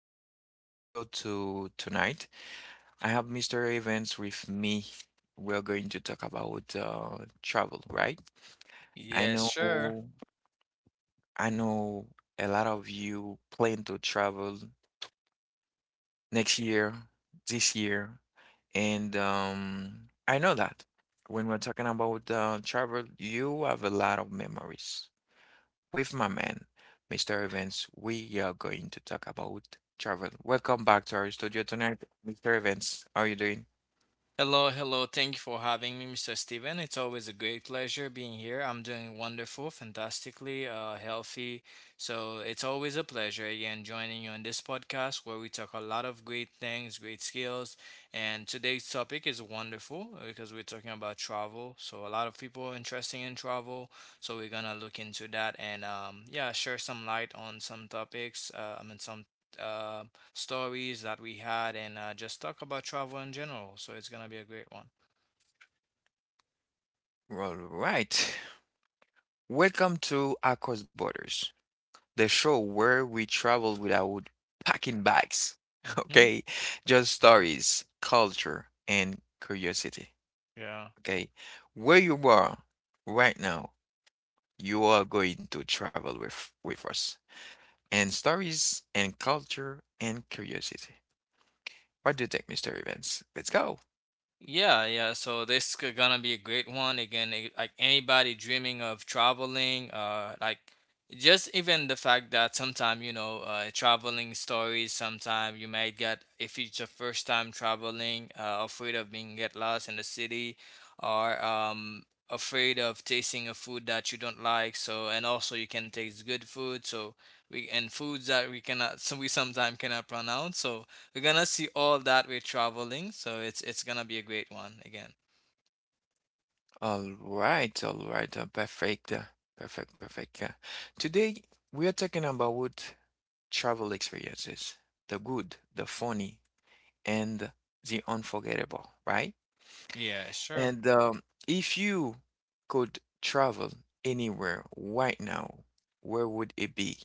back to our studio to tonight. I have Mr. Evans with me. We're going to talk about travel, right? I Yes, sure. know, I know a lot of you plan to travel next year, this year, and I know that when we're talking about travel, you have a lot of memories with my man, Mr. Evans. We are going to talk about travel. Welcome back to our studio tonight, Mr. Evans. How are you doing? Hello, hello. Thank you for having me, Mr. Steven. It's always a great pleasure being here. I'm doing wonderful, fantastically, healthy. So it's always a pleasure again joining you on this podcast where we talk a lot of great things, great skills. And today's topic is wonderful because we're talking about travel. So a lot of people are interested in travel. So we're gonna look into that and yeah, share some light on some topics. I mean some. Um, stories that we had and just talk about travel in general. So it's gonna be a great one. All right. Welcome to Across Borders, the show where we travel without packing bags. Hmm. Okay, just Yeah, stories, culture, and curiosity. yeah. Okay, where you are right now, you are going to travel with us and stories and culture and curiosity. Why do you think, Mr. Evans? Let's go. Yeah, yeah. So this could gonna be a great one again. Like anybody dreaming of traveling, like just even the fact that sometimes traveling stories. Sometimes you might get if it's your first time traveling, afraid of being get lost in the city, or afraid of tasting a food that you don't like. So and also you can taste good food. So we and foods that we cannot so we sometimes cannot pronounce. So we're gonna see all that we're traveling, so it's gonna be a great one again. All right, perfect, perfect, perfect. Today we are talking about what? Travel experiences, the good, the funny, and the unforgettable, right? Yeah, sure. And if you could travel anywhere right now, where would it be?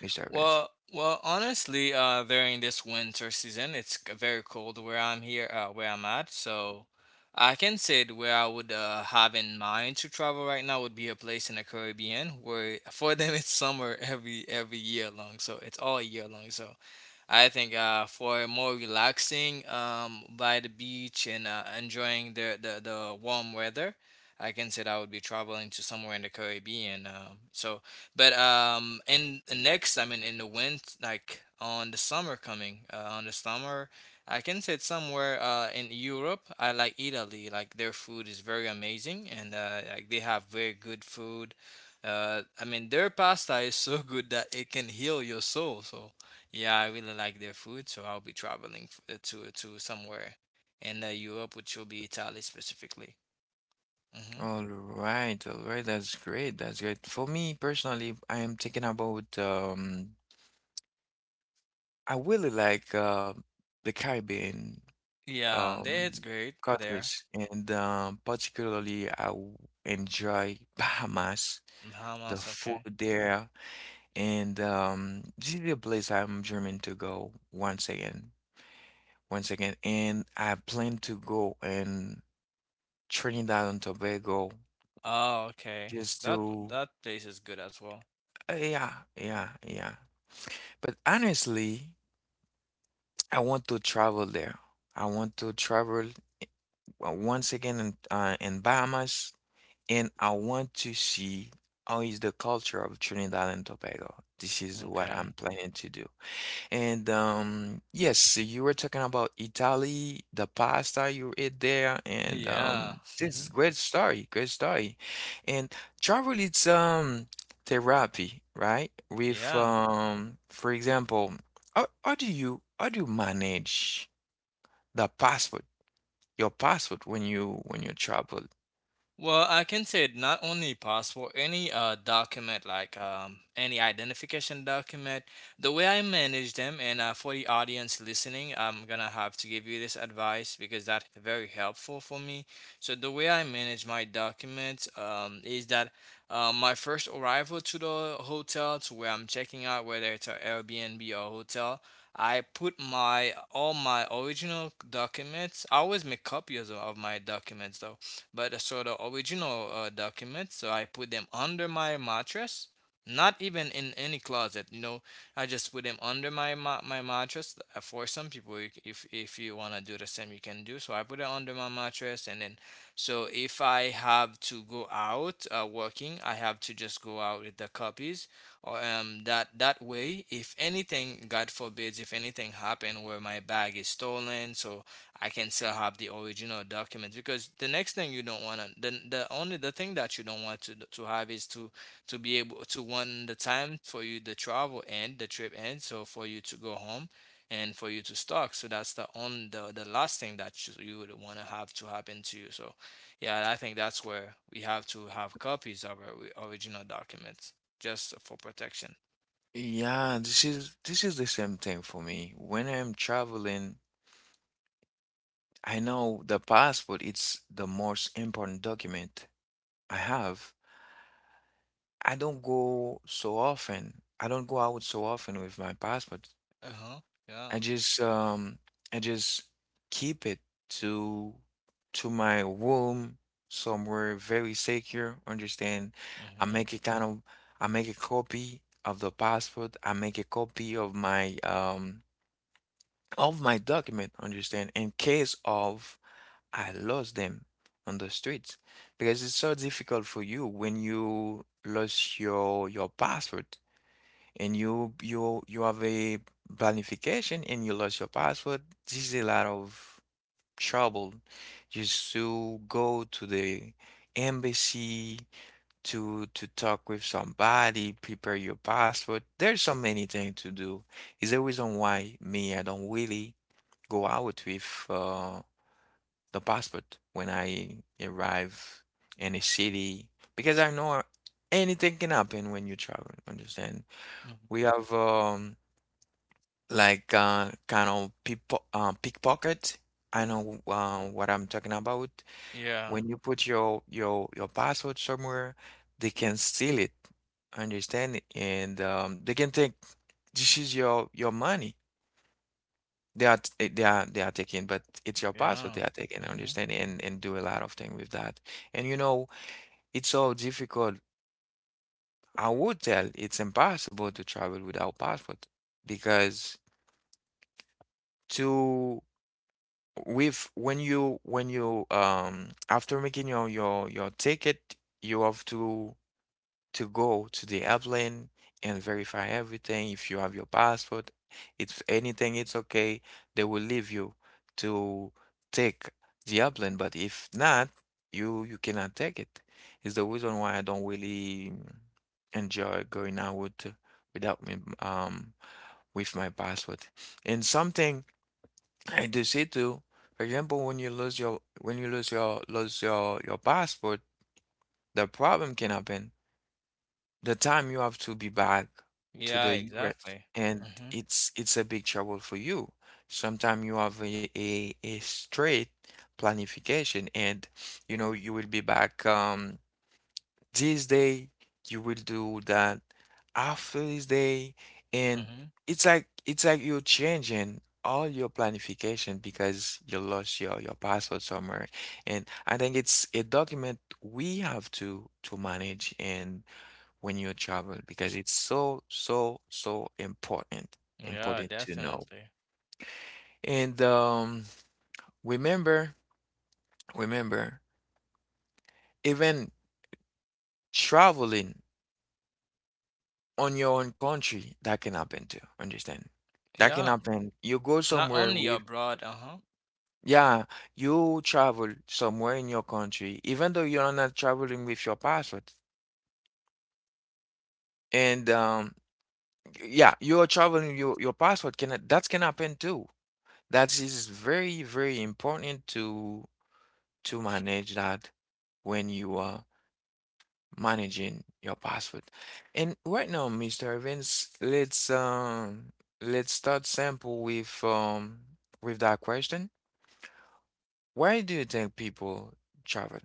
Mage Direbands. Well, honestly, during this winter season, it's very cold where I'm here, where I'm at. So, I can say that where I would have in mind to travel right now would be a place in the Caribbean where for them it's summer every year long, so it's all year long. So I think for more relaxing by the beach and enjoying the warm weather, I can say that I would be traveling to somewhere in the Caribbean. So, but in the next, I mean, in the wind, like on the summer coming, on the summer, I can say it's somewhere in Europe. I like Italy. Like their food is very amazing, and like they have very good food. I mean, their pasta is so good that it can heal your soul. So yeah, I really like their food, so I'll be traveling to somewhere in Europe, which will be Italy specifically. Hmm. All right, that's great. That's great. For me personally, I am thinking about I really like the Caribbean Yeah, that's um great there. countries, and particularly enjoy Bahamas, the Bahamas, food okay. there. And this is a place I'm dreaming to go once again. And I plan to go in Trinidad and Tobago Oh, okay. just That to, that place is good as well. Yeah, yeah, yeah. But honestly, I want to travel there. I want to travel once again in Bahamas, and I want to see how is the culture of Trinidad and Tobago. This is what Okay. I'm planning to do. And yes, so you were talking about Italy, the pasta you ate there, and Yeah. This Hmm. is great story, great story. And travel, it's therapy, right? With Yeah. For example, how do you manage the passport, your passport when you travel? Well, I can say it not only possible, any document like any identification document, the way I manage them, and for the audience listening, I'm gonna have to give you this advice because that's very helpful for me. So the way I manage my documents is that my first arrival to the hotel, to where I'm checking out, whether it's an Airbnb or hotel, I put my all my original documents. I always make copies of my documents though but so the original documents. So I put them under my mattress, not even in any closet. You know, I just put them under my my mattress. For some people, if you wanna do the same, you can do. So I put it under my mattress, and then so if I have to go out working, I have to just go out with the copies. Or that way, if anything, God forbids, if anything happened where my bag is stolen, so I can still have the original document, because the next thing you don't want to the only the thing that you don't want to have is to be able to one the time for you the travel end the trip end, so for you to go home and for you to stock, so that's the on the last thing that you would want to have to happen to you. So yeah, I think that's where we have to have copies of our original documents, just for protection. Yeah, this is the same thing for me. When I'm traveling, I know the passport, it's the most important document I have. I don't go so often. I don't go out so often with my passport. Uh-huh. Yeah. I just um I just keep it to to my room somewhere very secure. Understand? I Mm-hmm. make a kind of I make a copy of the passport. I make a copy of my document. Understand? In case of I lost them on the streets, because it's so difficult for you when you lost your password, and you you have a planification and you lost your password. This is a lot of trouble just to go to the embassy to talk with somebody, prepare your password. There's so many things to do. Is the reason why me I don't really go out with the passport when I arrive in a city, because I know anything can happen when you travel. Understand? We have like kind of people, pickpocket. I know what I'm talking about. Yeah, When you put your passport somewhere, they can steal it. Understand? And they can take, this is your money. They are they are they are taking, but it's your password they yeah. are taking. I Mm-hmm. understand, and do a lot of things with that. And you know, it's so difficult. I would tell it's impossible to travel without passport, because to with when you after making your ticket, you have to go to the airplane and verify everything. If you have your passport, if anything, it's okay. They will leave you to take the airplane, but if not, you cannot take it. It's the reason why I don't really enjoy going out without me with my passport. And something I do see too, for example, when you lose your when you lose your passport, the problem can happen the time you have to be back to Yeah, the US, exactly. and Mhm. It's a big trouble for you. Sometimes you have a straight planification and you know you will be back this day, you will do that after this day, and Mhm. It's like you're changing all your planification because you lost your password somewhere. And I think it's a document we have to manage and when you travel, because it's so, so, so important, Yeah, important to know. definitely. And remember, remember, even traveling on your own country, that can happen too. Understand? That can Yeah, happen. You go not somewhere only with, abroad, uh-huh. yeah, you travel somewhere in your country, even though you're not traveling with your passport. And yeah, you're traveling, your passport can that can happen too. That is very, very important to manage that when you are managing your password. And right now, Mr. Evans, let's start sample with that question. Why do you think people travel?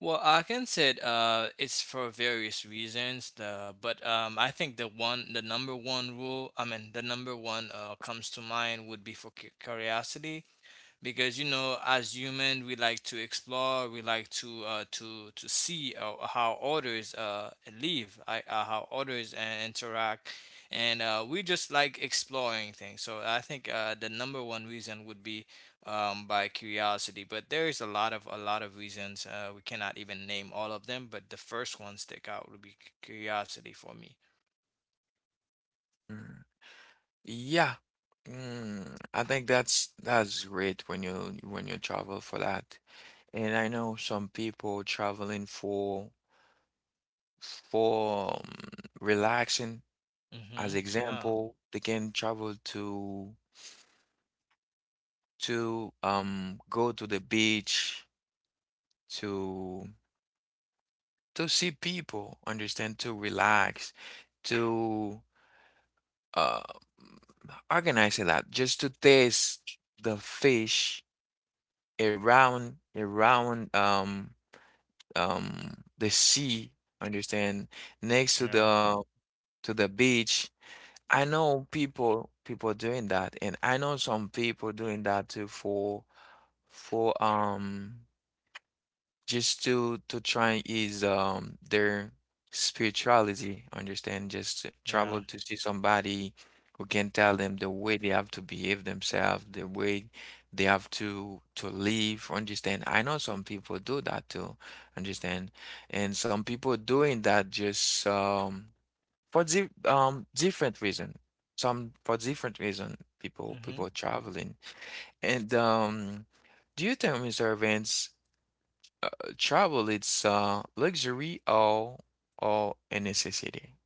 Well, I can say it, it's for various reasons, the but I think the number one rule, I mean the number one comes to mind would be for curiosity. Because as human we like to explore, we like to to see how others live, how others interact, and we just like exploring things, so I think the number one reason would be by curiosity, but there is a lot of reasons, we cannot even name all of them, but the first one stick out would be curiosity for me. Mm, yeah. Mm, I think that's great when you travel for that. And I know some people traveling for for um, relaxing. As Hmm. Yeah, example, they can travel to go to the beach to to see people, understand, to relax, to uh organize that just to taste the fish around the sea, understand, next yeah, to the beach. I know people people doing that, and I know some people doing that too for for um just to try is their spirituality, understand? Just to travel to see somebody who can tell them the way they have to behave themselves, the way they have to live, understand? I know some people do that too, understand? And some people doing that just for di different reason. Some for different reason yeah. people people traveling. And do you think, Mr. Vince, uh, travel it's luxury or a necessity?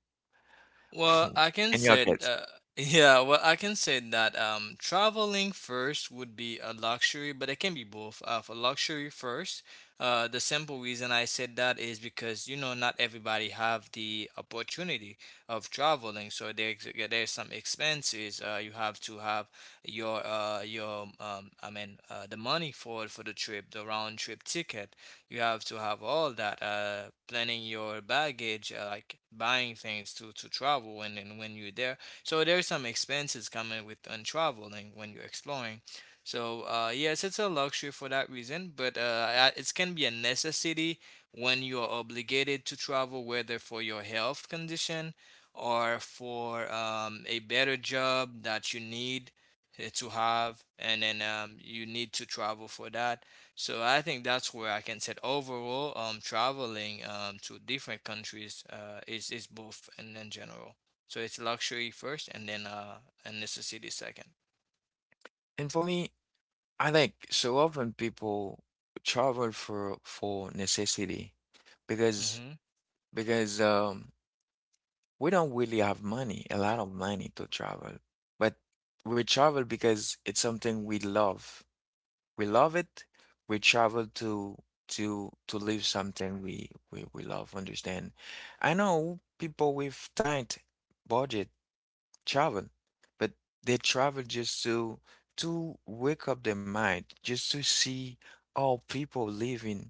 Well, I can In your say, case. Yeah, well, I can say that traveling first would be a luxury, but it can be both. For luxury first, the simple reason I said that is because, not everybody have the opportunity of traveling. So there's, yeah, there's some expenses. You have to have your, I mean, the money for the trip, the round trip ticket, you have to have all that planning your baggage, like buying things to travel, and then when you're there, so there's some expenses coming with on traveling when you're exploring. So yes, it's a luxury for that reason, but it can be a necessity when you are obligated to travel, whether for your health condition or for a better job that you need to have, and then you need to travel for that. So I think that's where I can say overall, traveling to different countries is both in general. So it's luxury first, and then, and necessity second. And for me, I like so often people travel for necessity, because Mm-hmm. because we don't really have money, a lot of money to travel, but we travel because it's something we love, we love it. We travel to live something we we love, understand. I know people with tight budget travel, but they travel just to wake up their mind, just to see all people living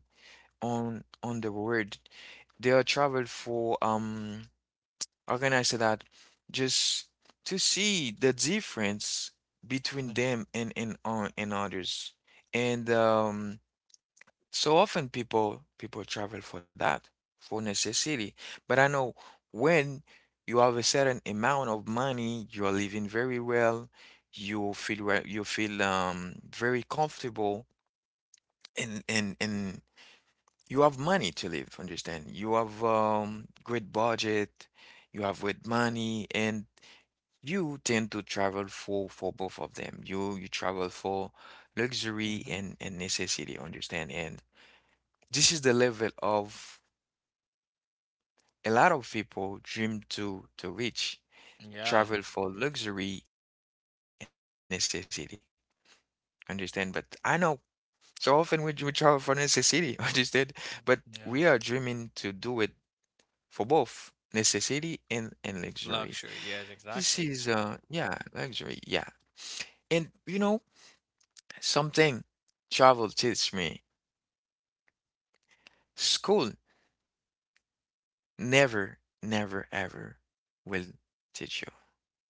on the world. They are travel for how can I say that? Just to see the difference between Mm-hmm. them and on and others. And so often people people travel for that, for necessity. But I know when you have a certain amount of money, you are living very well, you feel very comfortable, and you have money to live, understand? You have great budget, you have great money, and you tend to travel for both of them. You travel for luxury Mm-hmm. And necessity, understand? And this is the level of a lot of people dream to reach, Yeah. travel for luxury and necessity. Understand? But I know so often we travel for necessity, understand? But we are Mm, dreaming to yeah. do it for both necessity and luxury. This Luxury. Yes. is Exactly. yeah, luxury, yeah. And you know, something travel teach me, school never, never, ever will teach you.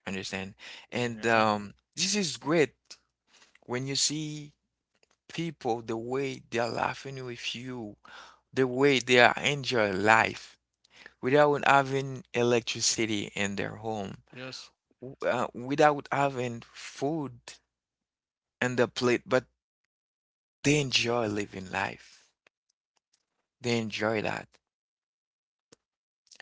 Understand? And Yeah. This is great when you see people, the way they are laughing with you, the way they are enjoying life without having electricity in their home, Yes. Without having food on the plate, but they enjoy living life. They enjoy that.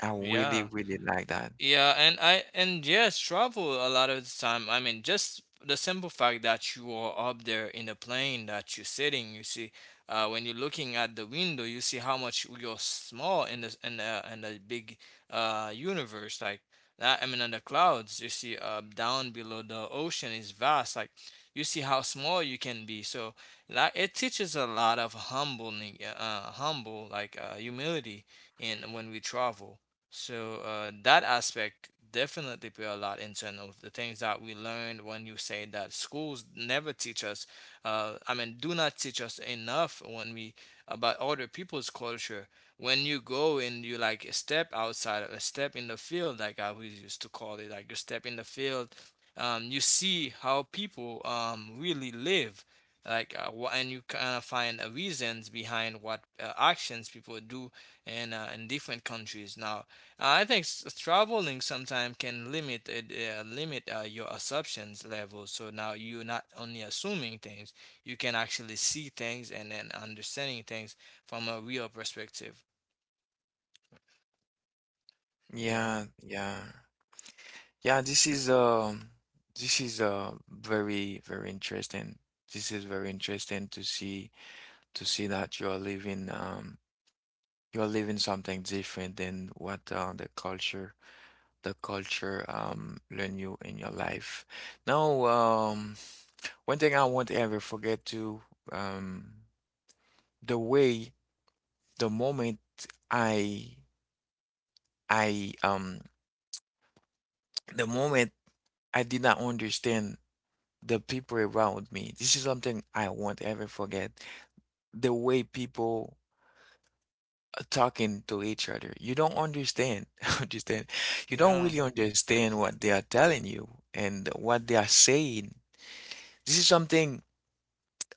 I really, Yeah. really like that. Yeah, and yes, travel a lot of the time. I mean, just the simple fact that you are up there in the plane that you're sitting, you see, when you're looking at the window, you see how much you're small in the big universe. Like that, I mean, in the clouds, you see, down below the ocean is vast. Like you see how small you can be. So like it teaches a lot of humbling, humble, like humility, in when we travel, so that aspect definitely play a lot in terms of the things that we learned when you say that schools never teach us. I mean, do not teach us enough when we about other people's culture. When you go and you like step outside, a step in the field, like I always used to call it, like you step in the field, you see how people really live. Like and you kind of find reasons behind what actions people do in different countries. Now I think traveling sometimes can limit it, limit your assumptions level. So now you're not only assuming things, you can actually see things and then understanding things from a real perspective. Yeah, Yeah, yeah. Yeah, this is very, very interesting. This is very interesting to see that you are living something different than what the culture learn you in your life. Now, one thing I won't ever forget to um, the way the moment I I the moment I did not understand the people around me. This is something I won't ever forget. The way people talking to each other. You don't understand, understand. You don't yeah, really understand what they are telling you and what they are saying. This is something,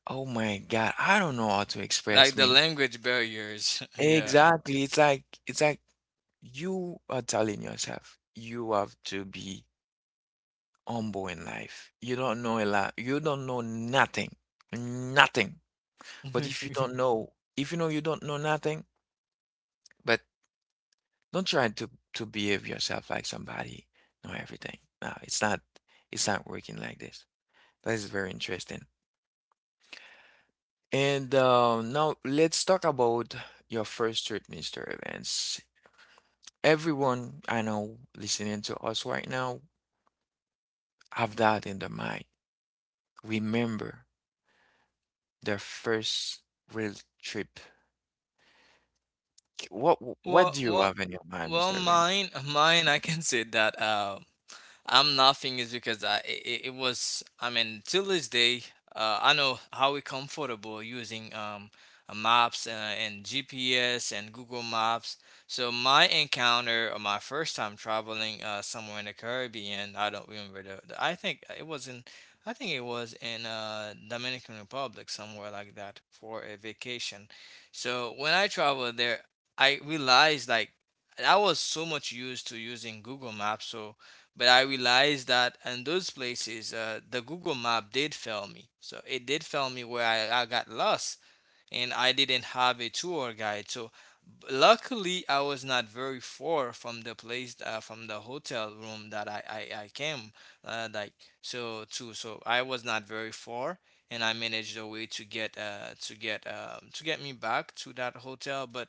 oh my God, I don't know how to express like the me. language barriers. yeah. Exactly. It's like you are telling yourself you have to be humble in life. You don't know a lot. You don't know nothing. Nothing. But if you don't know, if you know you don't know nothing, but don't try to behave yourself like somebody know everything. No, it's not working like this. That is very interesting. And now let's talk about your first trip, Mr. Evans. Everyone I know listening to us right now have that in their mind. Remember their first real trip. What what Well, do you well, have in your mind, well, Mr. Evans? mine. I can say that. I'm laughing is because it was, I mean, till this day I know how we comfortable using maps, and GPS and Google Maps. So my encounter or my first time traveling somewhere in the Caribbean, I don't remember the, I think it was in Dominican Republic, somewhere like that, for a vacation. So when I traveled there, I realized like I was so much used to using Google Maps, so but I realized that in those places, the Google Map did fail me. So it did fail me, where I got lost and I didn't have a tour guide. So luckily, I was not very far from the place, from the hotel room that I came, like so I was not very far, and I managed a way to get to get me back to that hotel, but.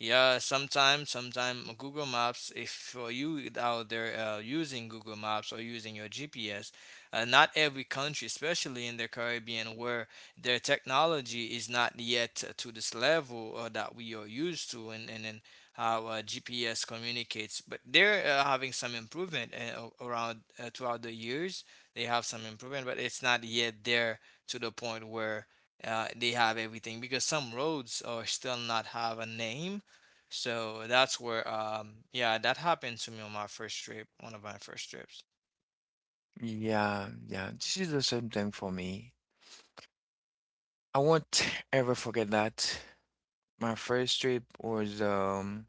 Yeah, sometimes Google Maps, if for you out there using Google Maps or using your GPS, not every country, especially in the Caribbean, where their technology is not yet to this level that we are used to, and, and how GPS communicates. But they're having some improvement, around, throughout the years. They have some improvement, but it's not yet there to the point where they have everything because some roads are still not have a name. So that's where, yeah, that happened to me on my first trip, one of my first trips. Yeah, yeah. This is the same thing for me. I won't ever forget that. My first trip was um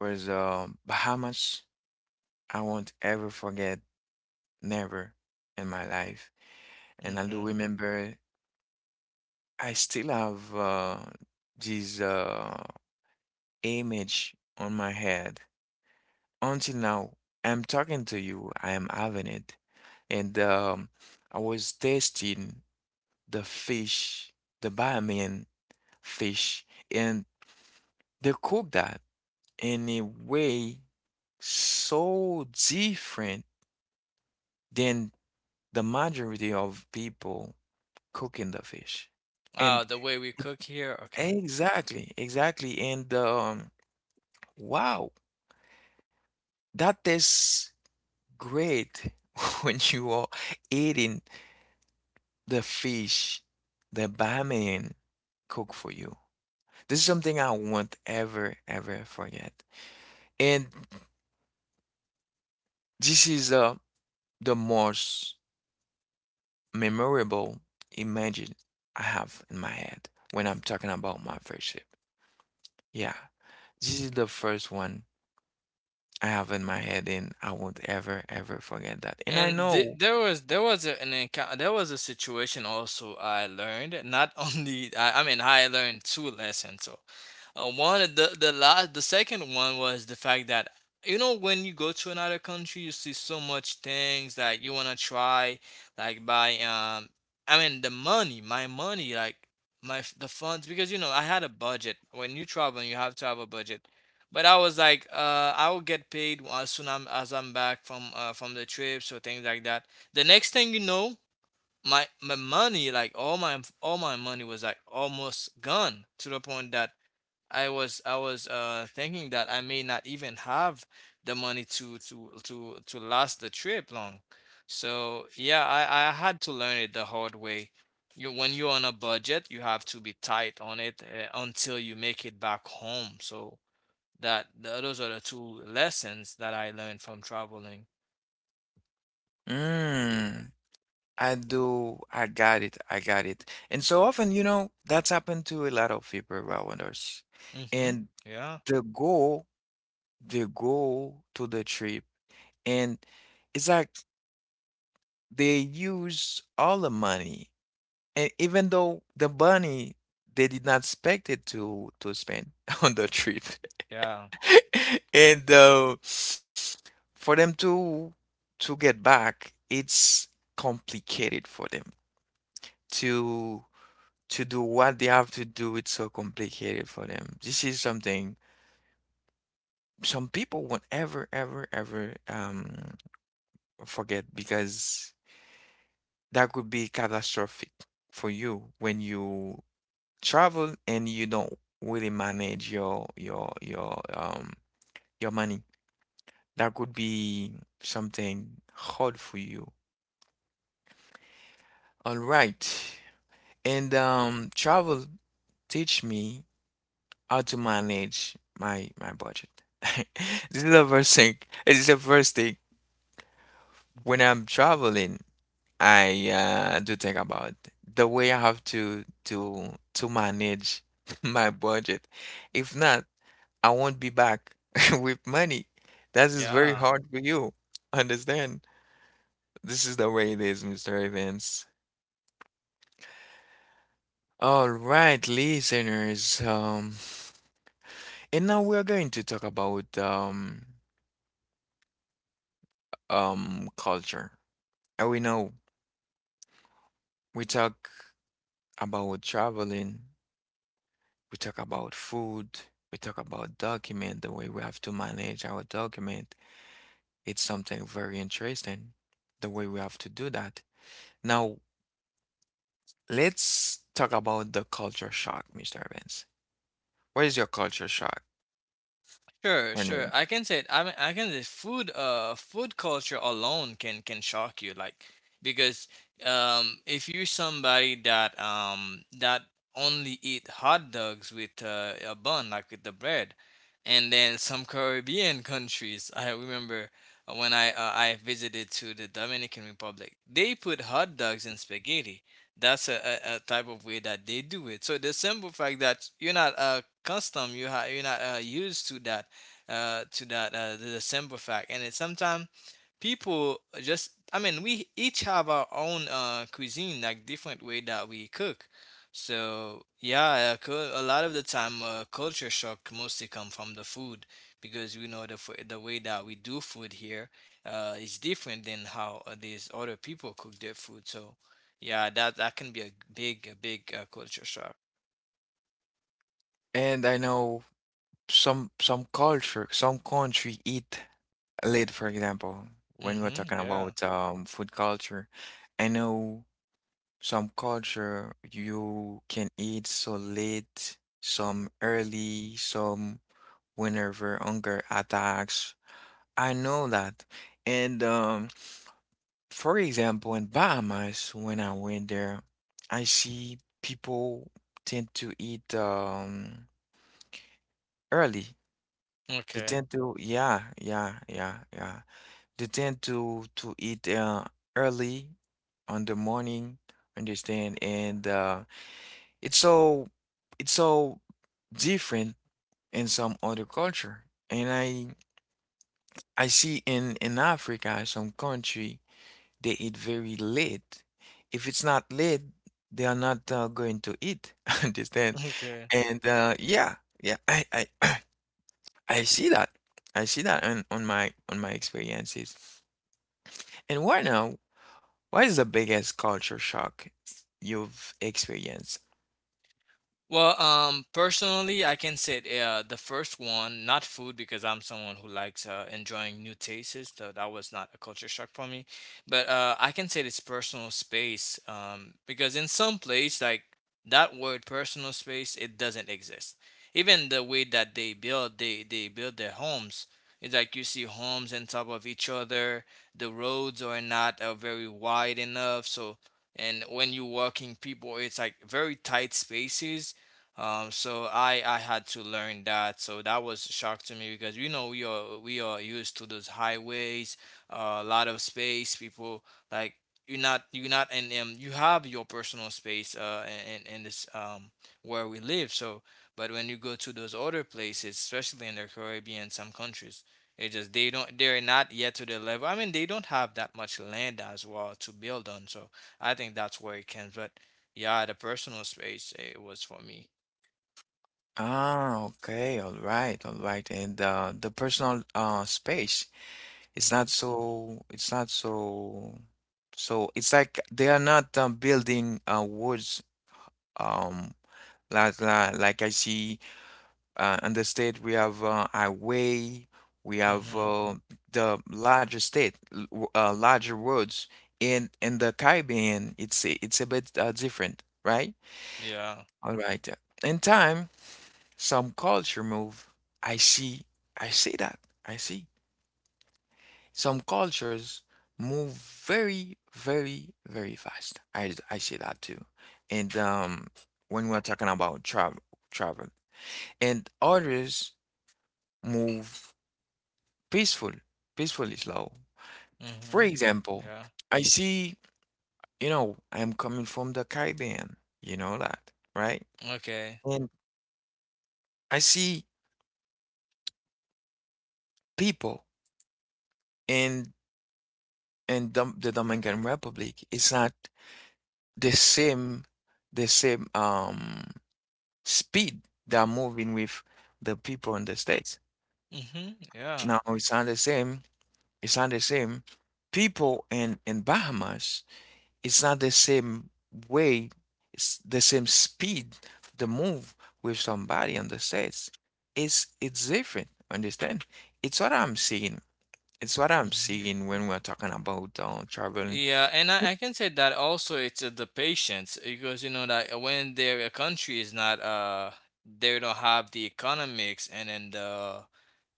was um Bahamas. I won't ever forget, never in my life. And I do Hmm. remember I still have this image on my head. Until now, I'm talking to you, I am having it. And I was tasting the fish, the Bahamian fish, and they cook that in a way so different than the majority of people cooking the fish. Oh, And the way we cook here. Okay. exactly, exactly. And wow, that tastes great when you are eating the fish the barman cook for you. This is something I won't ever, ever forget. And this is the most memorable image I have in my head when I'm talking about my friendship. Yeah, this is the first one I have in my head, and I won't ever, ever forget that. And I And th- know, there was there was a situation also. I learned not only I mean I learned two lessons. So one of the second one was the fact that you know, when you go to another country, you see so much things that you want to try, like by I mean the money my money, like the funds, because you know I had a budget. When you travel you have to have a budget, but I was like, I will get paid as soon as I'm back from the trips or things like that. The next thing you know, my money, like all my money was like almost gone, to the point that I was thinking that I may not even have the money to last the trip long. So yeah, I had to learn it the hard way. You, when you're on a budget, you have to be tight on it until you make it back home. So. That th Those are the two lessons that I learned from traveling. mm, I got it, I got it. And so often, you know, that's happened to a lot of people around us. Hmm. And Yeah. the goal, the goal to the trip, and it's like they use all the money. And even though the money, they did not expect it to spend on the trip, Yeah. and for them to get back, it's complicated for them to to do what they have to do. It's so complicated for them. This is something some people won't ever, ever, ever forget because that could be catastrophic for you when you travel and you don't really manage your money. That could be something hard for you. All right. And travel teach me how to manage my budget. This is the first thing. This is the first thing Mhm. when I'm traveling, I do think about the way I have to manage my budget. If not, I won't be back with money. That is very Yeah. hard for you. Understand? This is the way it is, Mr. Evans. All right, listeners. And now we're going to talk about culture. And we know we talk about traveling, we talk about food, we talk about document, the way we have to manage our document. It's something very interesting, the way we have to do that. Now, let's talk about the culture shock, Mr. Evans. What is your culture shock Sure, when sure. you? I can say it. I mean, I can say food. Food culture alone can shock you, like, because if you're somebody that only eat hot dogs with a bun, like with the bread, and then some Caribbean countries. I remember when I visited to the Dominican Republic, they put hot dogs in spaghetti. That's a type of way that they do it. So the simple fact that you're not custom, you're not used to that the simple fact. And it's sometimes people just, I mean, we each have our own cuisine, like different way that we cook. So yeah, a lot of the time culture shock mostly come from the food, because we know the way that we do food here is different than how these other people cook their food. So yeah, that can be a big culture shock. And I know some culture, some country eat late, for example, when we're Mhm. talking Yeah. about food culture. I know some culture you can eat so late, some early, some whenever hunger attacks. I know that. And For example, in Bahamas, when I went there, I see people tend to eat early. They Okay. tend to, yeah, yeah, yeah, yeah. They tend to eat early on the morning, understand? And it's so, it's so different in some other culture. And I see in Africa some country, they eat very late. If it's not late, they are not going to eat. Understand? Okay. And yeah, yeah, I see that. I see that on my experiences. And right now, what is the biggest culture shock you've experienced? Well, personally, I can say the first one, not food, because I'm someone who likes enjoying new tastes. So that was not a culture shock for me. But I can say it's personal space, because in some place, like, that word personal space, it doesn't exist. Even the way that they build, they build their homes. It's like you see homes on top of each other. The roads are not very wide enough, so, and when you're walking people, it's like very tight spaces, so I had to learn that. So that was a shock to me, because you know we are used to those highways, a lot of space. People, like, you're not, and you have your personal space in this where we live. So, but when you go to those other places, especially in the Caribbean, some countries. It just, they're not yet to the level. I mean, they don't have that much land as well to build on. So I think that's where it can. But yeah, the personal space it was for me. Ah, okay, all right, all right. And the personal space. Mhm. It's not so, so it's like they are not building woods um like I see in the state we have highway, we have Mhm. The larger state, larger roads. In the Caribbean, it's it's a bit different, right? Yeah. All right. In time, some culture move. I see, I see that. I see. Some cultures move very, very, very fast. I say that too. And when we're talking about travel, and others move peaceful, peacefully slow. For Mhm. example, Yeah. I see, you know, I'm coming from the Caribbean, you know that, right? Okay. And I see people in in Dom the Dominican Republic. It's not the same, the same. Speed they are moving with the people in the States. Mhm. Yeah. Now it's not the same. It's not the same. People in Bahamas, it's not the same way. It's the same speed to move with somebody in the States. It's different. Understand? It's what I'm seeing. It's what I'm Mhm. seeing when we're talking about traveling. Yeah, and I can say that also it's the patience, because you know that when their country is not they don't have the economics and then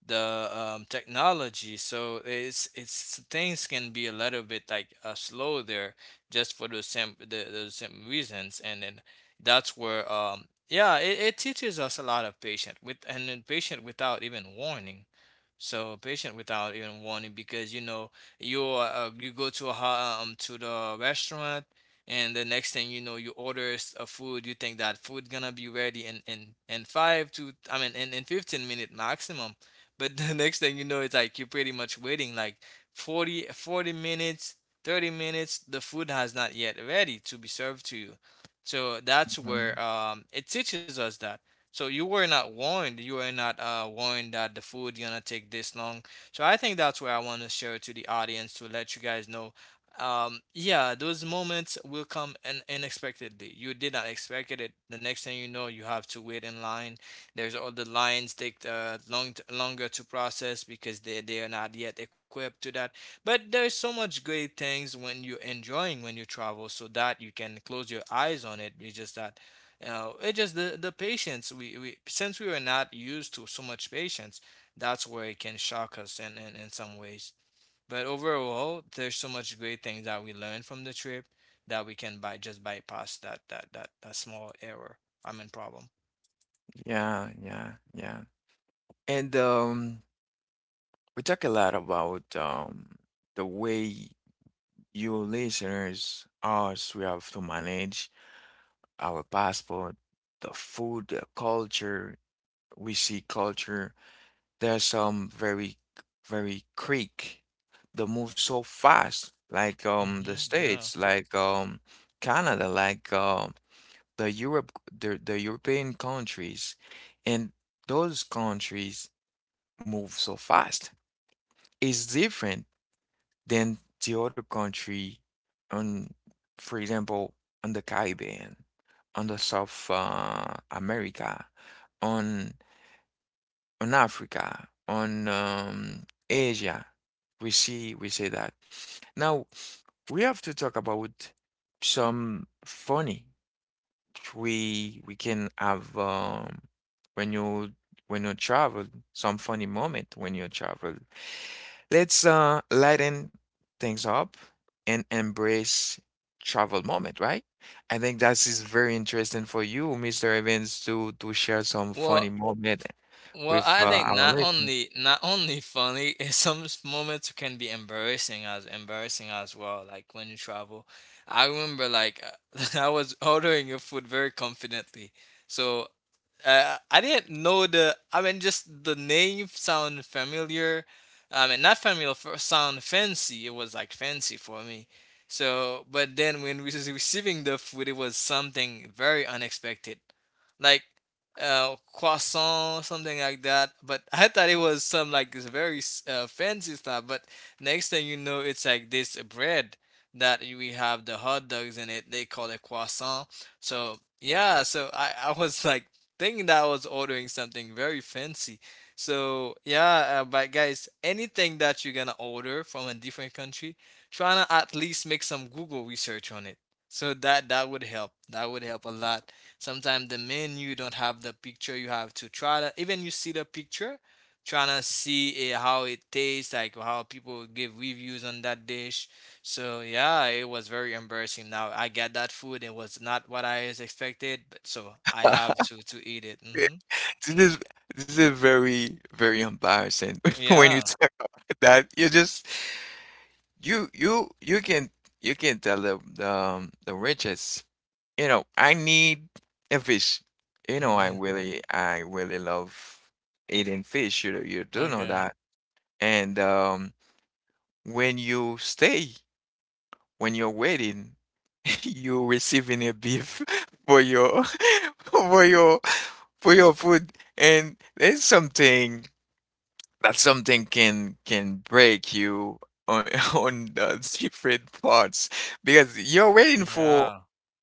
the technology, so it's things can be a little bit like slow there just for those same those same reasons, and then that's where yeah, it teaches us a lot of patience with, and then patient without even warning, so patient without even warning, because you know, you go to to the restaurant, and the next thing you know you order a food. You think that food gonna be ready in five to, I mean in 15-minute maximum, but the next thing you know it's like you're pretty much waiting like 40 minutes, 30 minutes, the food has not yet ready to be served to you. So that's Mhm. where, it teaches us that. So you were not warned. You were not warned that the food gonna take this long. So I think that's where I want to share to the audience, to let you guys know. Yeah, those moments will come unexpectedly. You did not expect it. The next thing you know, you have to wait in line. The lines take longer to process because they are not yet equipped to that. But there's so much great things when you're enjoying, when you travel, so that you can close your eyes on it. It's just that, you know, it just the patience. We, since we were not used to so much patience, that's where it can shock us in some ways. But overall, there's so much great things that we learned from the trip that we can by just bypass that small error. I mean problem. Yeah, yeah, yeah. And we talk a lot about the way. You listeners, us, we have to manage our passport, the food, the culture. We see culture. There's some very, very quick. They move so fast, like Hmm. the Yeah. States, like Canada, like the Europe, the European countries, and those countries move so fast. It's different than the other country on, for example, on the Caribbean, on the South America, on on Africa, on Asia. We see we say that. Now we have to talk about some funny we can have when you when you travel, some funny moment when you travel. Let's lighten things up and embrace travel moment, right? I think that is very interesting for you, Mr. Evans, to share some Well, funny moment with I think our not listeners. only funny, in some moments it can be embarrassing, as embarrassing as well. Like when you travel, I remember like I was ordering your food very confidently. So I didn't know the. I mean, just the name sound familiar. I mean, not familiar, sound fancy. It was like fancy for me. So, but then when we was receiving the food, it was something very unexpected, like croissant, something like that. But I thought it was some like this very fancy stuff. But next thing you know, it's like this bread that we have the hot dogs in it. They call it croissant. So yeah, so I was like thinking that I was ordering something very fancy. So yeah, but guys, anything that you're gonna order from a different country, trying to at least make some Google research on it. So that that would help. That would help a lot. Sometimes the menu don't have the picture. You have to try to, even you see the picture, trying to see eh, how it tastes, like how people give reviews on that dish. So yeah, it was very embarrassing. Now I get that food. It was not what I is expected, but so I have to eat it. Yeah, Hmm. this is, this is very very embarrassing when you Yeah. talk about that. You just you can, you can tell the riches. You know, I need a fish. You know, Yeah. I really love eating fish. You know, you do know Okay. that. And when you stay, when you're waiting, you're receiving a beef for your for your for your food. And there's something, that something can break you on on the different parts because you're waiting Yeah. for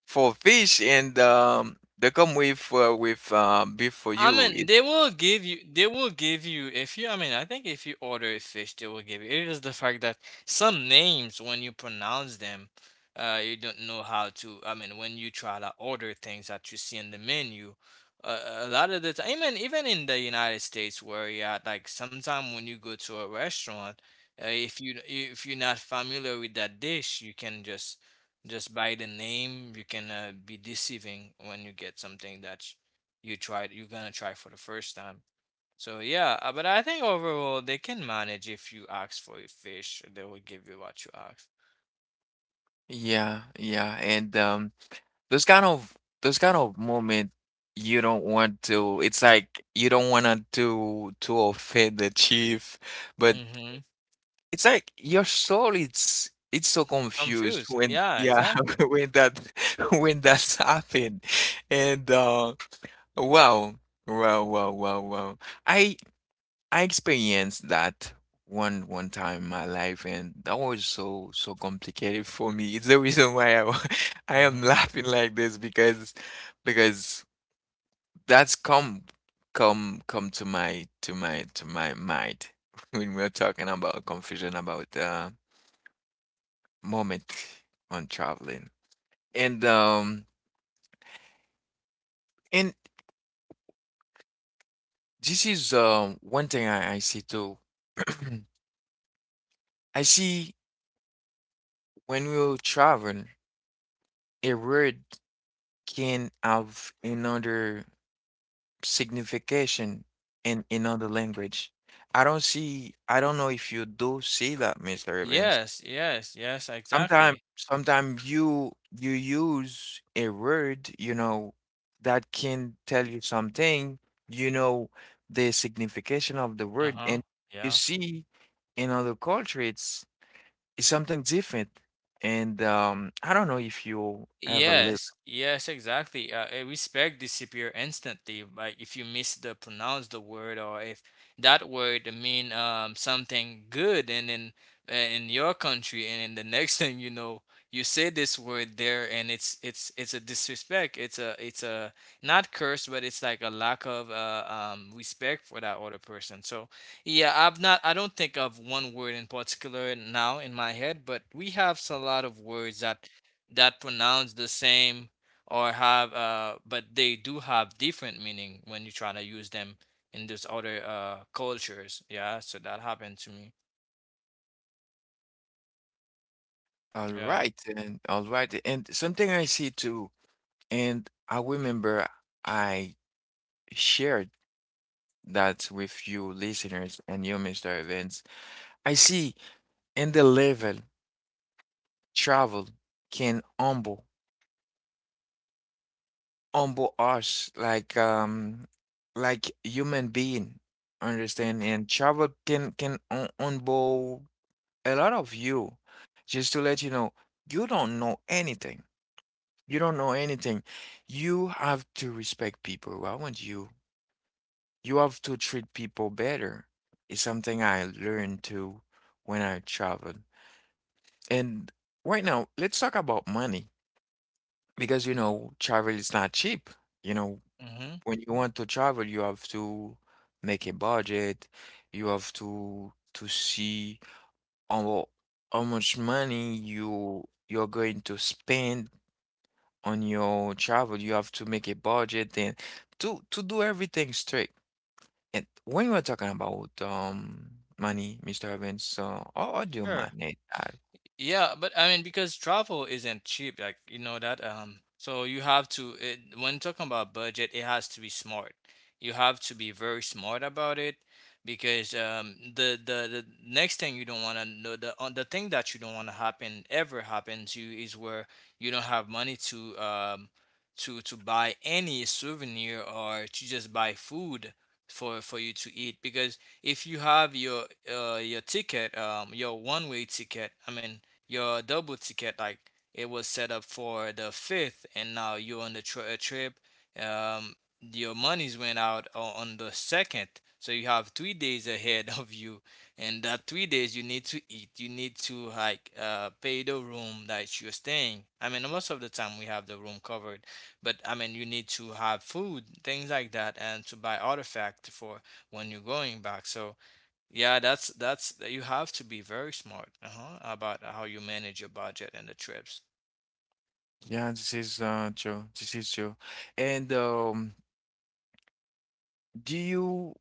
for fish and they come with I beef for mean, they you it, will give you. They will give you if you. I mean, I think if you order a fish, they will give you. It is the fact that some names, when you pronounce them, you don't know how to. I mean, when you try to order things that you see in the menu, uh, a lot of the time, even in the United States, where you're at, like sometime when you go to a restaurant, if you if you're not familiar with that dish, you can just by the name, you can be deceiving when you get something that you're gonna try for the first time. So yeah, but I think overall they can manage. If you ask for a fish, they will give you what you ask. yeah yeah and those kind of those kind of moment, you don't want to, it's like you don't want to offend the chief, but Mm-hmm. it's like your soul, it's so confused Confused. when, Yeah, yeah, exactly. when that when that's happened, and wow wow wow. I I experienced that one time in my life, and that was so so complicated for me. It's the reason why I am Mm-hmm. laughing like this because that's come to my mind when we're talking about confusion about moment on traveling. And um and this is one thing I see too. I see when we will travel, a word can have another signification in another language. I don't see, I don't know if you do see that, Mr. Evans. Yes, yes, yes, Sometimes, exactly. sometimes you use a word, you know, that can tell you something, you know, the signification of the word, Uh-huh. and you Yeah. see in other culture, it's something different. And I don't know if you ever live. Yes, yes, exactly. Eh, we disappear instantly. Like, if you miss the pronounce the word, or if that word mean something good, and then in your country, and then the next thing you know, you say this word there, and it's a disrespect. It's a not curse, but it's like a lack of respect for that other person. So yeah, I've not. I don't think of one word in particular now in my head, but we have a lot of words that that pronounce the same or have but they do have different meaning when you try to use them in those other cultures. Yeah, so that happened to me. Yeah. All right, and something I see too, and I remember I shared that with you listeners and you, Mr. Evans. I see in the level travel can humble, humble us like like human being, understand? And travel can humble a lot of you. Just to let you know, you don't know anything. You don't know anything. You have to respect people around you. You have to treat people better. It's something I learned too when I traveled. And right now, let's talk about money because you know, travel is not cheap. You know, Mm-hmm. when you want to travel, you have to make a budget. You have to see how, how much money you you're going to spend on your travel, you have to make a budget and to do everything straight. And when we're talking about money, Mr. Evans, so how do you Sure. manage that? Yeah, but I mean, because travel isn't cheap, like you know that. So you have to it, when talking about budget, it has to be smart. You have to be very smart about it because the next thing you don't want to know the thing that you don't want to happen ever happen to you is where you don't have money to buy any souvenir or to just buy food for you to eat because if you have your ticket your one way ticket, I mean your double ticket, like it was set up for the 5th and now you're on the trip. Um your monies went out on the 2nd, so you have 3 days ahead of you, and that 3 days you need to eat. You need to, like, pay the room that you're staying. I mean, most of the time we have the room covered, but I mean you need to have food, things like that, and to buy artifact for when you're going back. So yeah, that's you have to be very smart, uh-huh, about how you manage your budget and the trips. Yeah, this is true. This is true. And do you,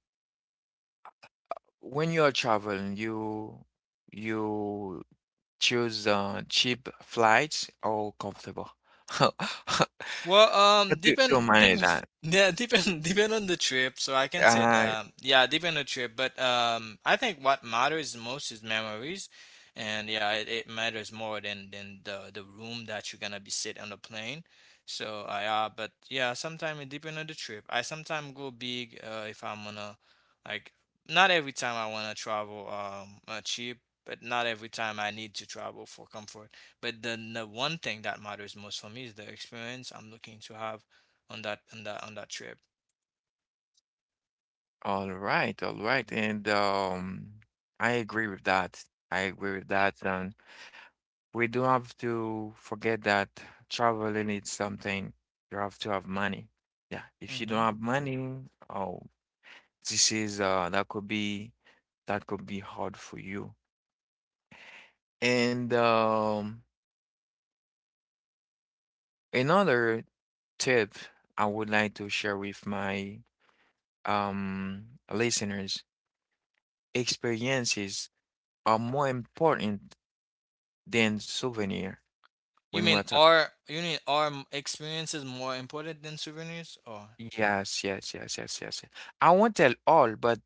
when you are traveling, you you choose cheap flights or comfortable? Well, How do you manage that? yeah, depend on the trip. So I can say, Uh, yeah, depend on the trip. But I think what matters most is memories, and yeah, it matters more than the room that you're gonna be sit on the plane. So I yeah, but yeah, sometimes it depend on the trip. I sometimes go big, if I'm gonna, like, not every time I wanna travel, cheap, but not every time I need to travel for comfort. But then the one thing that matters most for me is the experience I'm looking to have on that trip. All right, all right. And I agree with that. I agree with that. And we don't have to forget that traveling is something you have to have money. Yeah, if you don't Hmm. have money, oh, this is that could be, that could be hard for you. And another tip I would like to share with my listeners, experiences are more important than souvenir. You When mean we're talking, our you mean our experience is more important than souvenirs? Or yes, yes, yes, yes, yes, yes. I won't tell all, but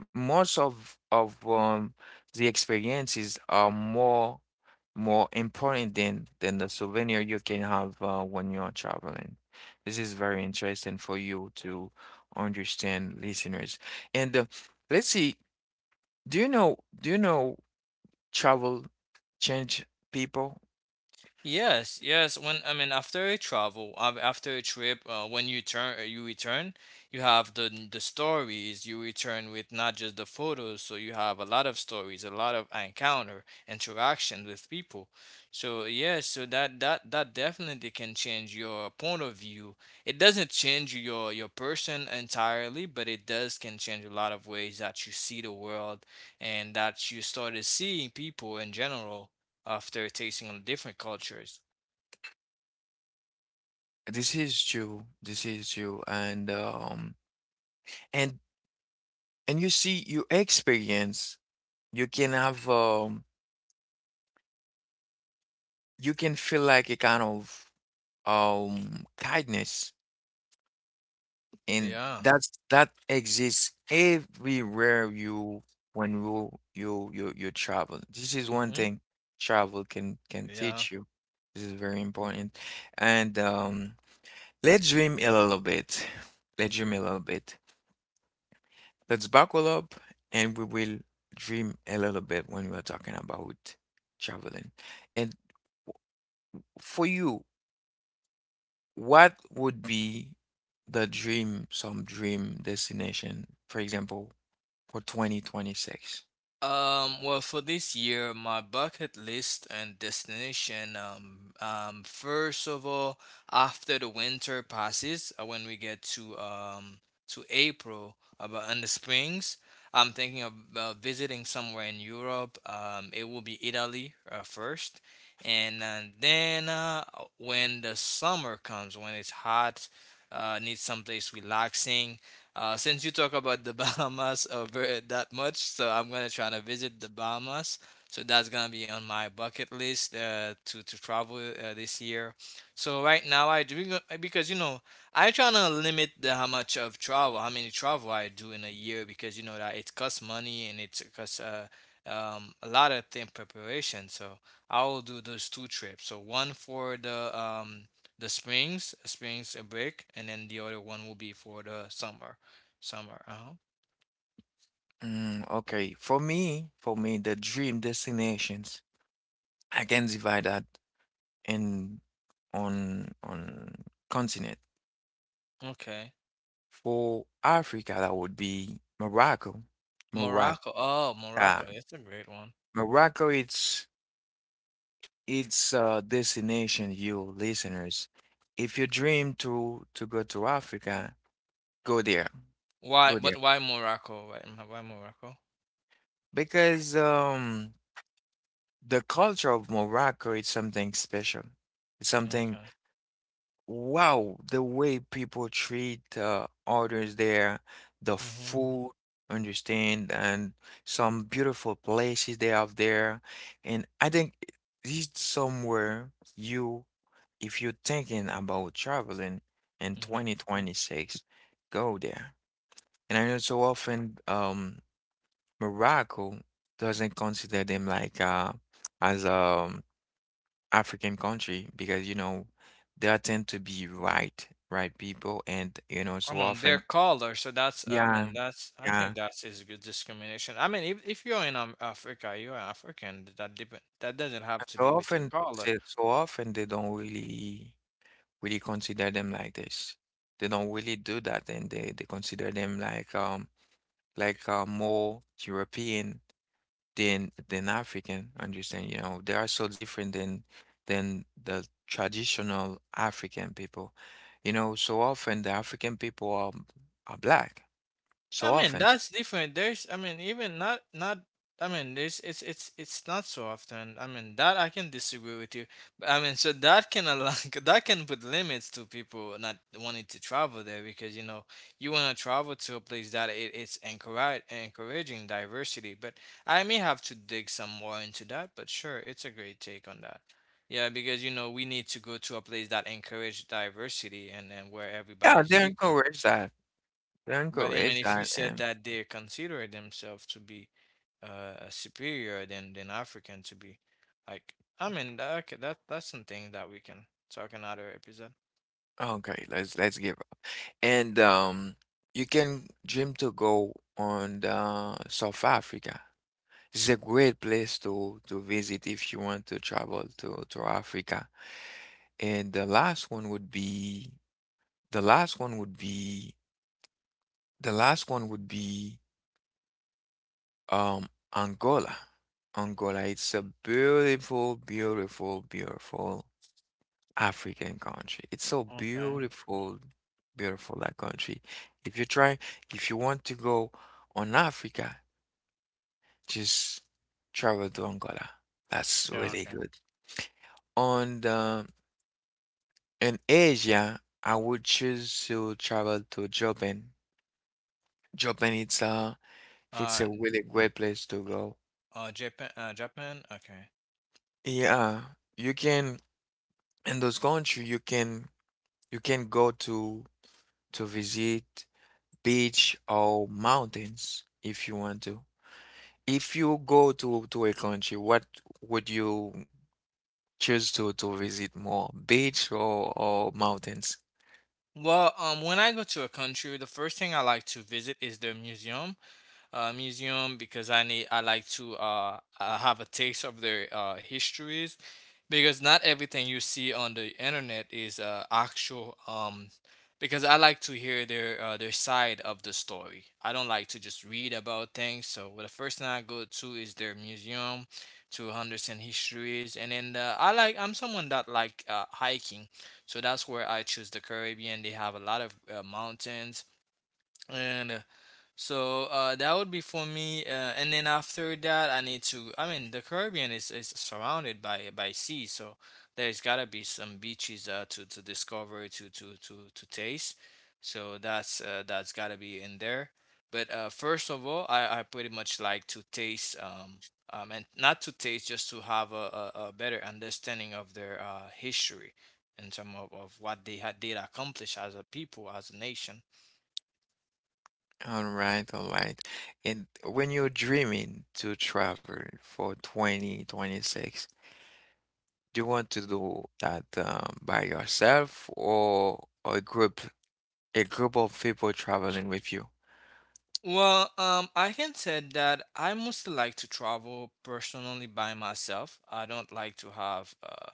most of the experiences are more, more important than the souvenir you can have when you are traveling. This is very interesting for you to understand, listeners. And let's see, do you know, do you know travel change people? yes, yes. When I mean after a travel, after a trip, when you return, you have the stories. You return with not just the photos, so you have a lot of stories, a lot of encounter, interaction with people. So yes, so that definitely can change your point of view. It doesn't change your person entirely, but it does can change a lot of ways that you see the world and that you started seeing people in general after tasting on different cultures. This is true. This is true. And And you see, your experience, you can have, you can feel like a kind of kindness, and Yeah. that exists everywhere you when you travel. This is one Hmm. thing travel can Yeah. teach you. This is very important. And let's dream a little bit. Let's dream a little bit. Let's buckle up, and we will dream a little bit when we are talking about traveling. And for you, what would be the dream, some dream destination, for example, for 2026? Well, for this year, my bucket list and destination, first of all, after the winter passes, when we get to April, about in the springs, I'm thinking of visiting somewhere in Europe. It will be Italy first, and then, when the summer comes, when it's hot, Need someplace relaxing. Since you talk about the Bahamas over that much, so I'm gonna try to visit the Bahamas. So that's gonna be on my bucket list, to travel this year. So right now I do because you know I try to limit the how much of travel, how many travel I do in a year because you know that it costs money and it costs a lot of thing preparation. So I will do those two trips. So one for the springs break, and then the other one will be for the summer. Somewhere. Oh, Mm, okay. For me, the dream destinations, I can divide that in on continent. okay. For Africa, that would be Morocco. Morocco. Morocco. Oh, Yeah. Morocco. It's a great one. Morocco, it's a destination, you listeners. If you dream to go to Africa, go there. Why? Go there. But why Morocco? Why Morocco? Because the culture of Morocco is something special. It's something Okay. wow, the way people treat others there, the Mhm. food, understand, and some beautiful places they have there. And I think this is somewhere you if you're thinking about traveling in Mhm. 2026, go there. And I know so often Morocco doesn't consider them like as African country because you know they are tend to be white right people and you know I so mean, they're often. colder, so that's. I Yeah, mean, that's. I yeah, think that's is good discrimination. I mean, if you're in Africa, you're African. That doesn't have and to so be with your often color. so often they don't really consider them like this. They don't really do that, and they consider them like more European than African. Understand? You know, they are so different than the traditional African people. You know, so often the African people are black. I So mean, often, that's different. There's, I mean, even not, not, I mean, there's, it's not so often. I mean, that I can disagree with you. But, I mean, so that can allow, that can put limits to people not wanting to travel there because, you know, you want to travel to a place that it's encouraging diversity. But I may have to dig some more into that, but sure, it's a great take on that. Yeah, because, you know, we need to go to a place that encourage diversity and where yeah, everybody's they equal. encourage that. They But I mean, encourage if you that. said And that they consider themselves to be superior than African to be, like I mean, that, okay, that's something that we can talk another episode. okay, let's give up. And you can dream to go on the South Africa. It's a great place to visit if you want to travel to Africa. And the last one would be the last one would be the last one would be um Angola. Angola, it's a beautiful, beautiful, beautiful African country. It's so Okay. beautiful, beautiful that country. If you try, if you want to go on Africa, just travel to Angola. That's Yeah. really Okay. good. On the in Asia, I would choose to travel to Japan. Japan, it's Uh, a really great place to go. Japan, Japan. Okay. Yeah, you can in those country you can go to visit beach or mountains if you want to. If you go to a country, what would you choose to visit more, beach or mountains? Well, when I go to a country, the first thing I like to visit is the museum, because I like to have a taste of their histories because not everything you see on the internet is actual. Because I like to hear their side of the story. I don't like to just read about things. So, well, the first thing I go to is their museum to understand histories, and then, I'm someone that like hiking, so that's where I choose the Caribbean. They have a lot of mountains, and so that would be for me, and then after that, I need to. I mean, the Caribbean is surrounded by sea, so there's gotta be some beaches, to discover, to taste. So that's gotta be in there. But first of all, I pretty much like to taste, and not to taste, just to have a better understanding of their history in terms of what they had did accomplish as a people, as a nation. All right, all right. And when you're dreaming to travel for 2026, do you want to do that by yourself or a group? A group of people traveling with you. Well, I can say that I mostly like to travel personally by myself. I don't like to have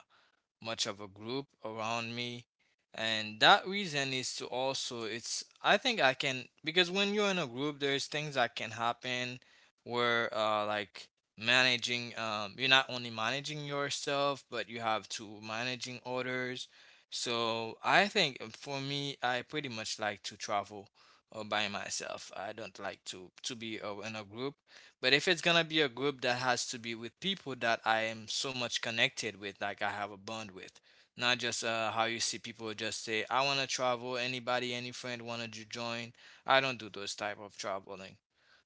much of a group around me, and that reason is to also it's I think I can, because when you're in a group there's things that can happen, where, like, managing, you're not only managing yourself but you have to managing others. So I think, for me, I pretty much like to travel by myself. I don't like to be in a group, but if it's gonna be a group that has to be with people that I am so much connected with, like I have a bond with, not just how you see people just say, "I wanna travel." Anybody, any friend wanted to join? I don't do those type of traveling.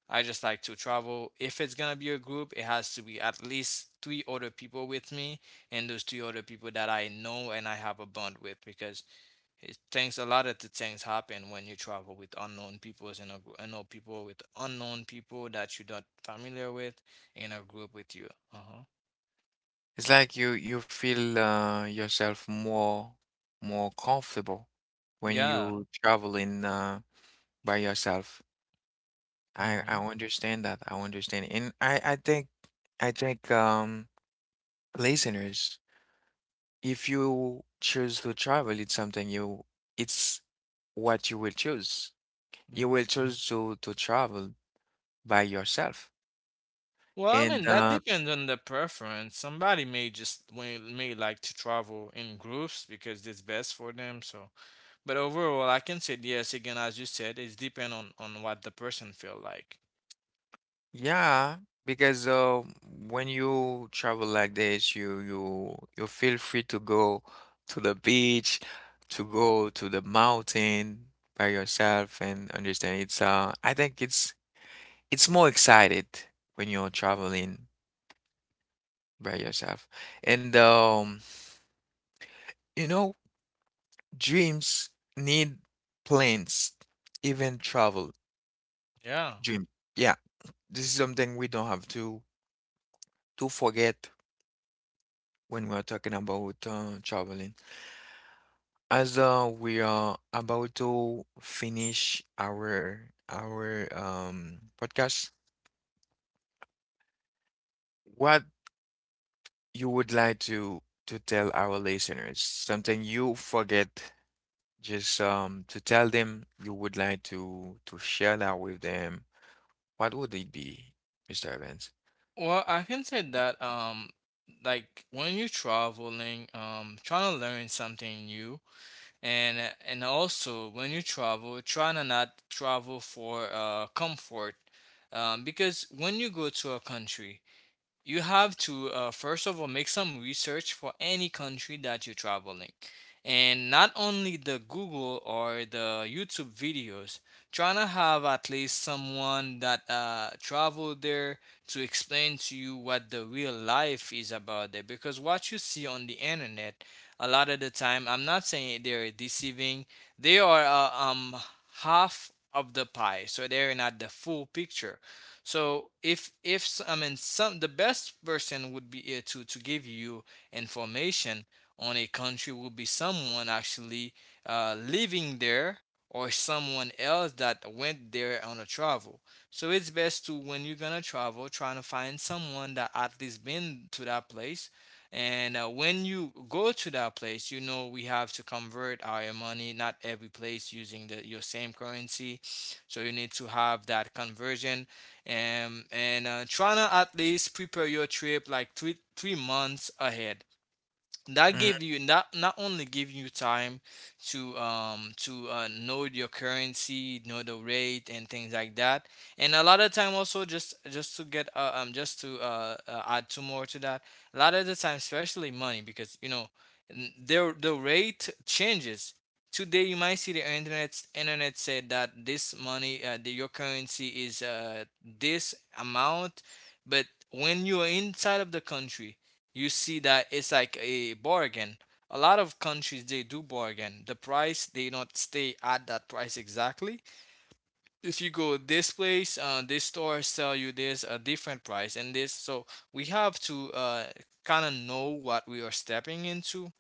I just like to travel. If it's gonna be a group, it has to be at least three other people with me, and those three other people that I know and I have a bond with, because it things a lot of the things happen when you travel with unknown peoples in a group. I know people with unknown people that you're not familiar with in a group with you. Uh-huh. It's like you feel yourself more more comfortable when Yeah. you traveling by yourself. I Mm-hmm. understand that. I understand, and I think I think listeners, if you choose to travel, it's something you it's what you will choose. You Mm-hmm. will choose to travel by yourself, Well, I and mean that depends on the preference. Somebody may like to travel in groups because it's best for them. So, but overall, I can say yes. Again, as you said, it's depend on what the person feel like. yeah, because when you travel like this, you you feel free to go to the beach, to go to the mountain by yourself, and understand it's I think it's more excited when you're traveling by Mm. yourself, and you know dreams need plans, even travel Yeah. dream. Yeah, this is something we don't have to forget when we're talking about traveling. As we are about to finish our podcast, what you would like to tell our listeners? Something you forget just to tell them you would like to share that with them. What would it be, Mr. Evans? Well, I can say that, like when you're traveling, trying to learn something new and and also when you travel, trying to not travel for comfort. Because when you go to a country, you have to, first of all, make some research for any country that you're traveling. And not only the Google or the YouTube videos, trying to have at least someone that traveled there to explain to you what the real life is about there. Because what you see on the internet, a lot of the time, I'm not saying they're deceiving, they are half of the pie, so they're not the full picture. So if I mean, some the best person would be to give you information on a country would be someone actually living there, or someone else that went there on a travel. So it's best to, when you're gonna travel, trying to find someone that at least been to that place. And when you go to that place, you know we have to convert our money. Not every place using the your same currency, so you need to have that conversion, and trying to at least prepare your trip like three three months ahead. That gave you not only give you time to know your currency, know the rate and things like that. And a lot of time also just to get, just to, add two more to that. A lot of the time, especially money, because you know, the rate changes. Today you might see the internet said that this money, your currency is this amount, but when you are inside of the country you see that it's like a bargain. A lot of countries they do bargain. The price they not stay at that price exactly. If you go this place, this store sell you this a different price and this. So we have to kind of know what we are stepping into.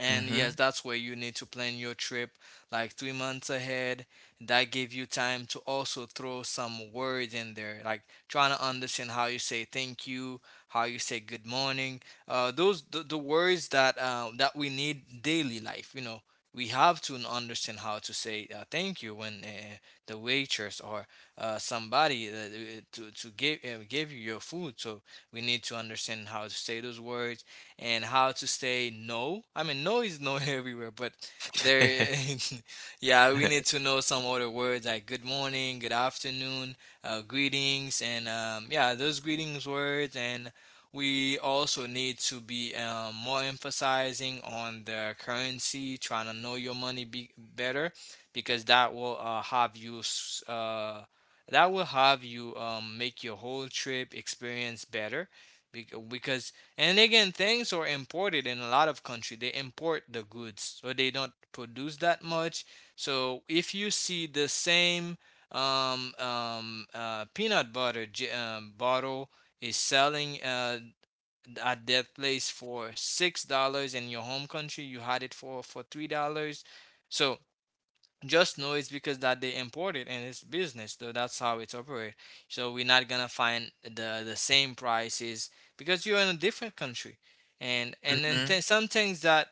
And yes, Mm-hmm. that's where you need to plan your trip like 3 months ahead. That give you time to also throw some words in there, like trying to understand how you say thank you, how you say good morning. Those the words that that we need daily life. You know, we have to understand how to say thank you when the waitress or somebody to give give you your food. So we need to understand how to say those words and how to say no. I mean, no is no everywhere, but there, yeah, we need to know some other words like good morning, good afternoon, greetings, and yeah, those greetings words. And we also need to be more emphasizing on the currency, trying to know your money better because that will that will have you make your whole trip experience better because. And again, things are imported in a lot of country. They import the goods, so they don't produce that much. So if you see the same peanut butter bottle is selling at that place for $6, in your home country you had it for $3. So just know it's because that they import it and it's business, so that's how it's operate. So we're not gonna find the same prices because you're in a different country. And then Mm-hmm. Some things that,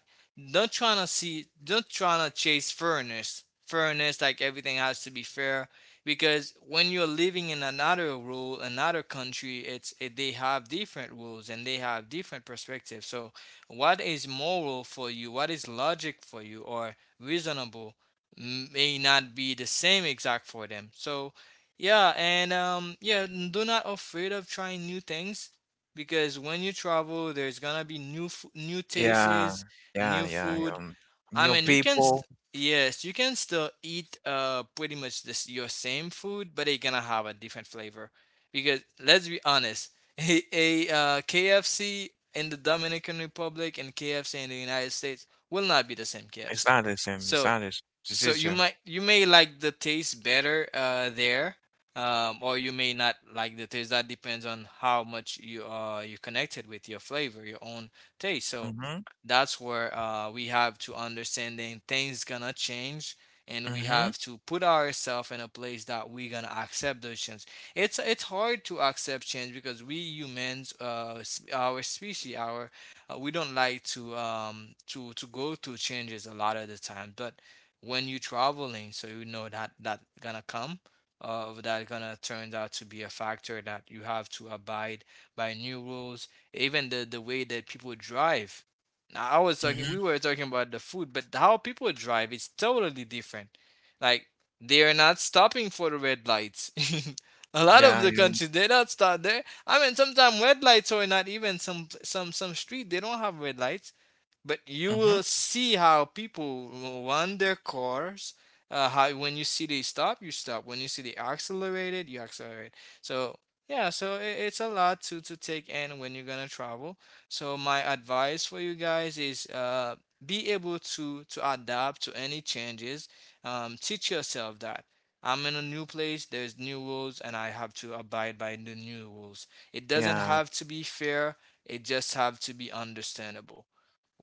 don't trying to see, don't trying to chase fairness, like everything has to be fair. Because when you're living in another rule, another country, they have different rules and they have different perspectives. So what is moral for you, what is logic for you or reasonable, may not be the same exact for them. So, yeah, and yeah, do not afraid of trying new things, because when you travel, there's gonna be new Yeah, tastes, yeah, new yeah. food. I Your mean, you can people, yes, you can still eat pretty much this your same food, but it's gonna have a different flavor. Because let's be honest, a KFC in the Dominican Republic and KFC in the United States will not be the same it's KFC. not the same. It's So, not the same. This so is you true. might, you may like the taste better there, or you may not like the taste. That depends on how much you you connected with your flavor, your own taste. So Mm-hmm. that's where we have to understand that things gonna change, and we Mm-hmm. have to put ourselves in a place that we gonna accept those change. It's hard to accept change because we humans our species, our we don't like to to go through changes a lot of the time. But when you traveling, so you know that that gonna come, that gonna turn out to be a factor that you have to abide by new rules. Even the way that people drive. Now I was talking We were talking about the food, but how people drive is totally different. Like, they are not stopping for the red lights. A lot of Yeah, the yeah. countries, they don't stop there. I mean, sometimes red lights are not even some street, they don't have red lights. But you Mm-hmm. will see how people run their cars. How when you see they stop, you stop. When you see they accelerated, you accelerate. So yeah, so it's a lot to take in when you're gonna travel. So my advice for you guys is be able to adapt to any changes. Teach yourself that. I'm in a new place, there's new rules, and I have to abide by the new rules. It doesn't Yeah. have to be fair, it just have to be understandable.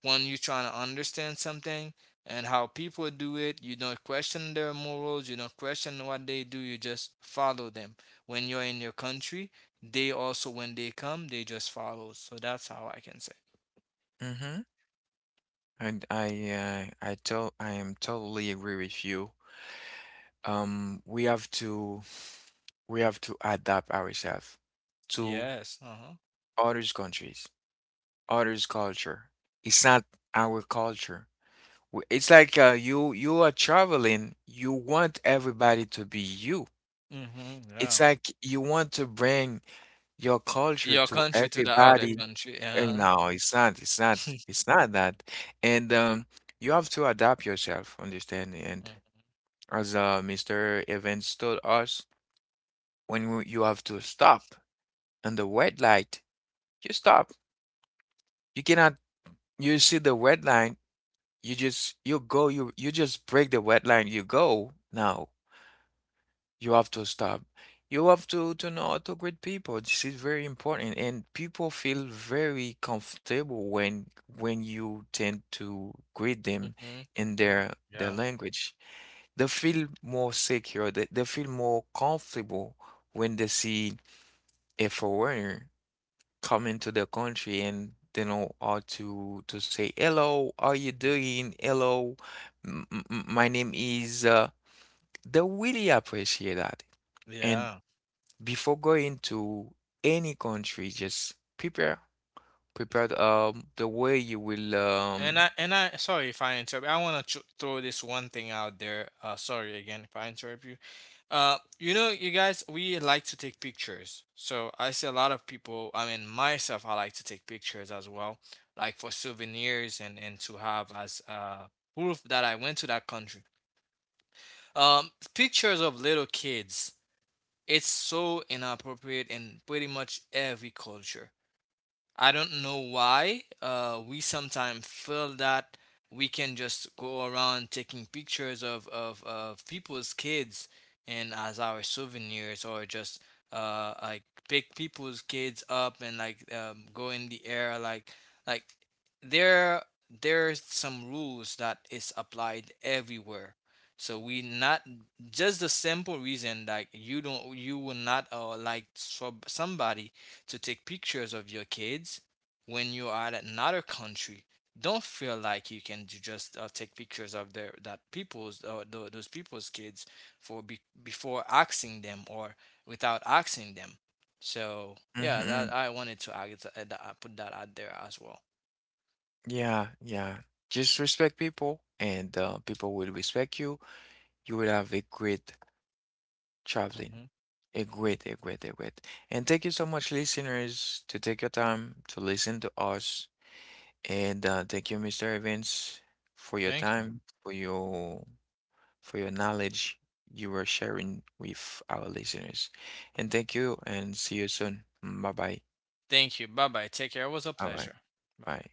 When you're trying to understand something and how people do it, you don't question their morals, you don't question what they do, you just follow them. When you're in your country, they also, when they come, they just follow. So that's how I can say. Mm-hmm. And I to I am totally agree with you. Um, we have to we have to adapt ourselves to Yes. Uh-huh. others' countries, others' culture. It's not our culture. W- It's like you you are traveling, you want everybody to be you. Mm-hmm. It's Yeah. like you want to bring your culture Your to country to the other everybody. country. And Uh-huh. no, it's not, it's not, it's not that. And you have to adapt yourself, understand? And as Mr. Evans told us, when w- you have to stop on the red light, you stop. You cannot, you see the red line, you just, you go, you just break the red line, you go. No, you have to stop. You have to know how to greet people. This is very important, and people feel very comfortable when you tend to greet them Mm-hmm. in their Yeah, language. They feel more secure. They feel more comfortable when they see a foreigner come into the country and they know how to say hello. How you doing? Hello, m m- m- my name is. They really appreciate that. And yeah. before going to any country, just prepare, prepare the way you will And I and I sorry if I interrupt. I want to throw this one thing out there. Sorry again if I interrupt you. You know, you guys, we like to take pictures. So I see a lot of people. I mean, myself, I like to take pictures as well, like for souvenirs and to have as proof that I went to that country. Pictures of little kids. It's so inappropriate in pretty much every culture. I don't know why we sometimes feel that we can just go around taking pictures of people's kids and as our souvenirs, or just like pick people's kids up and like go in the air, like, like there, there's some rules that is applied everywhere. So we not, just the simple reason, like you don't, you will not like somebody to take pictures of your kids when you are at another country. Don't feel like you can just take pictures of their that people's those people's kids for before asking them or without asking them. So yeah, mhm, that I wanted to add that, I put that out there as well. yeah, yeah. Just respect people and people will respect you. You will have a great traveling. Hmm. A great, a great, a great. And thank you so much, listeners, to take your time to listen to us. And thank you, Mr. Evans, for your Thank you, time, for your knowledge you are sharing with our listeners. And thank you and see you soon. Bye bye. thank you. Bye bye. Take care. It was a Bye bye. pleasure. Bye. Bye.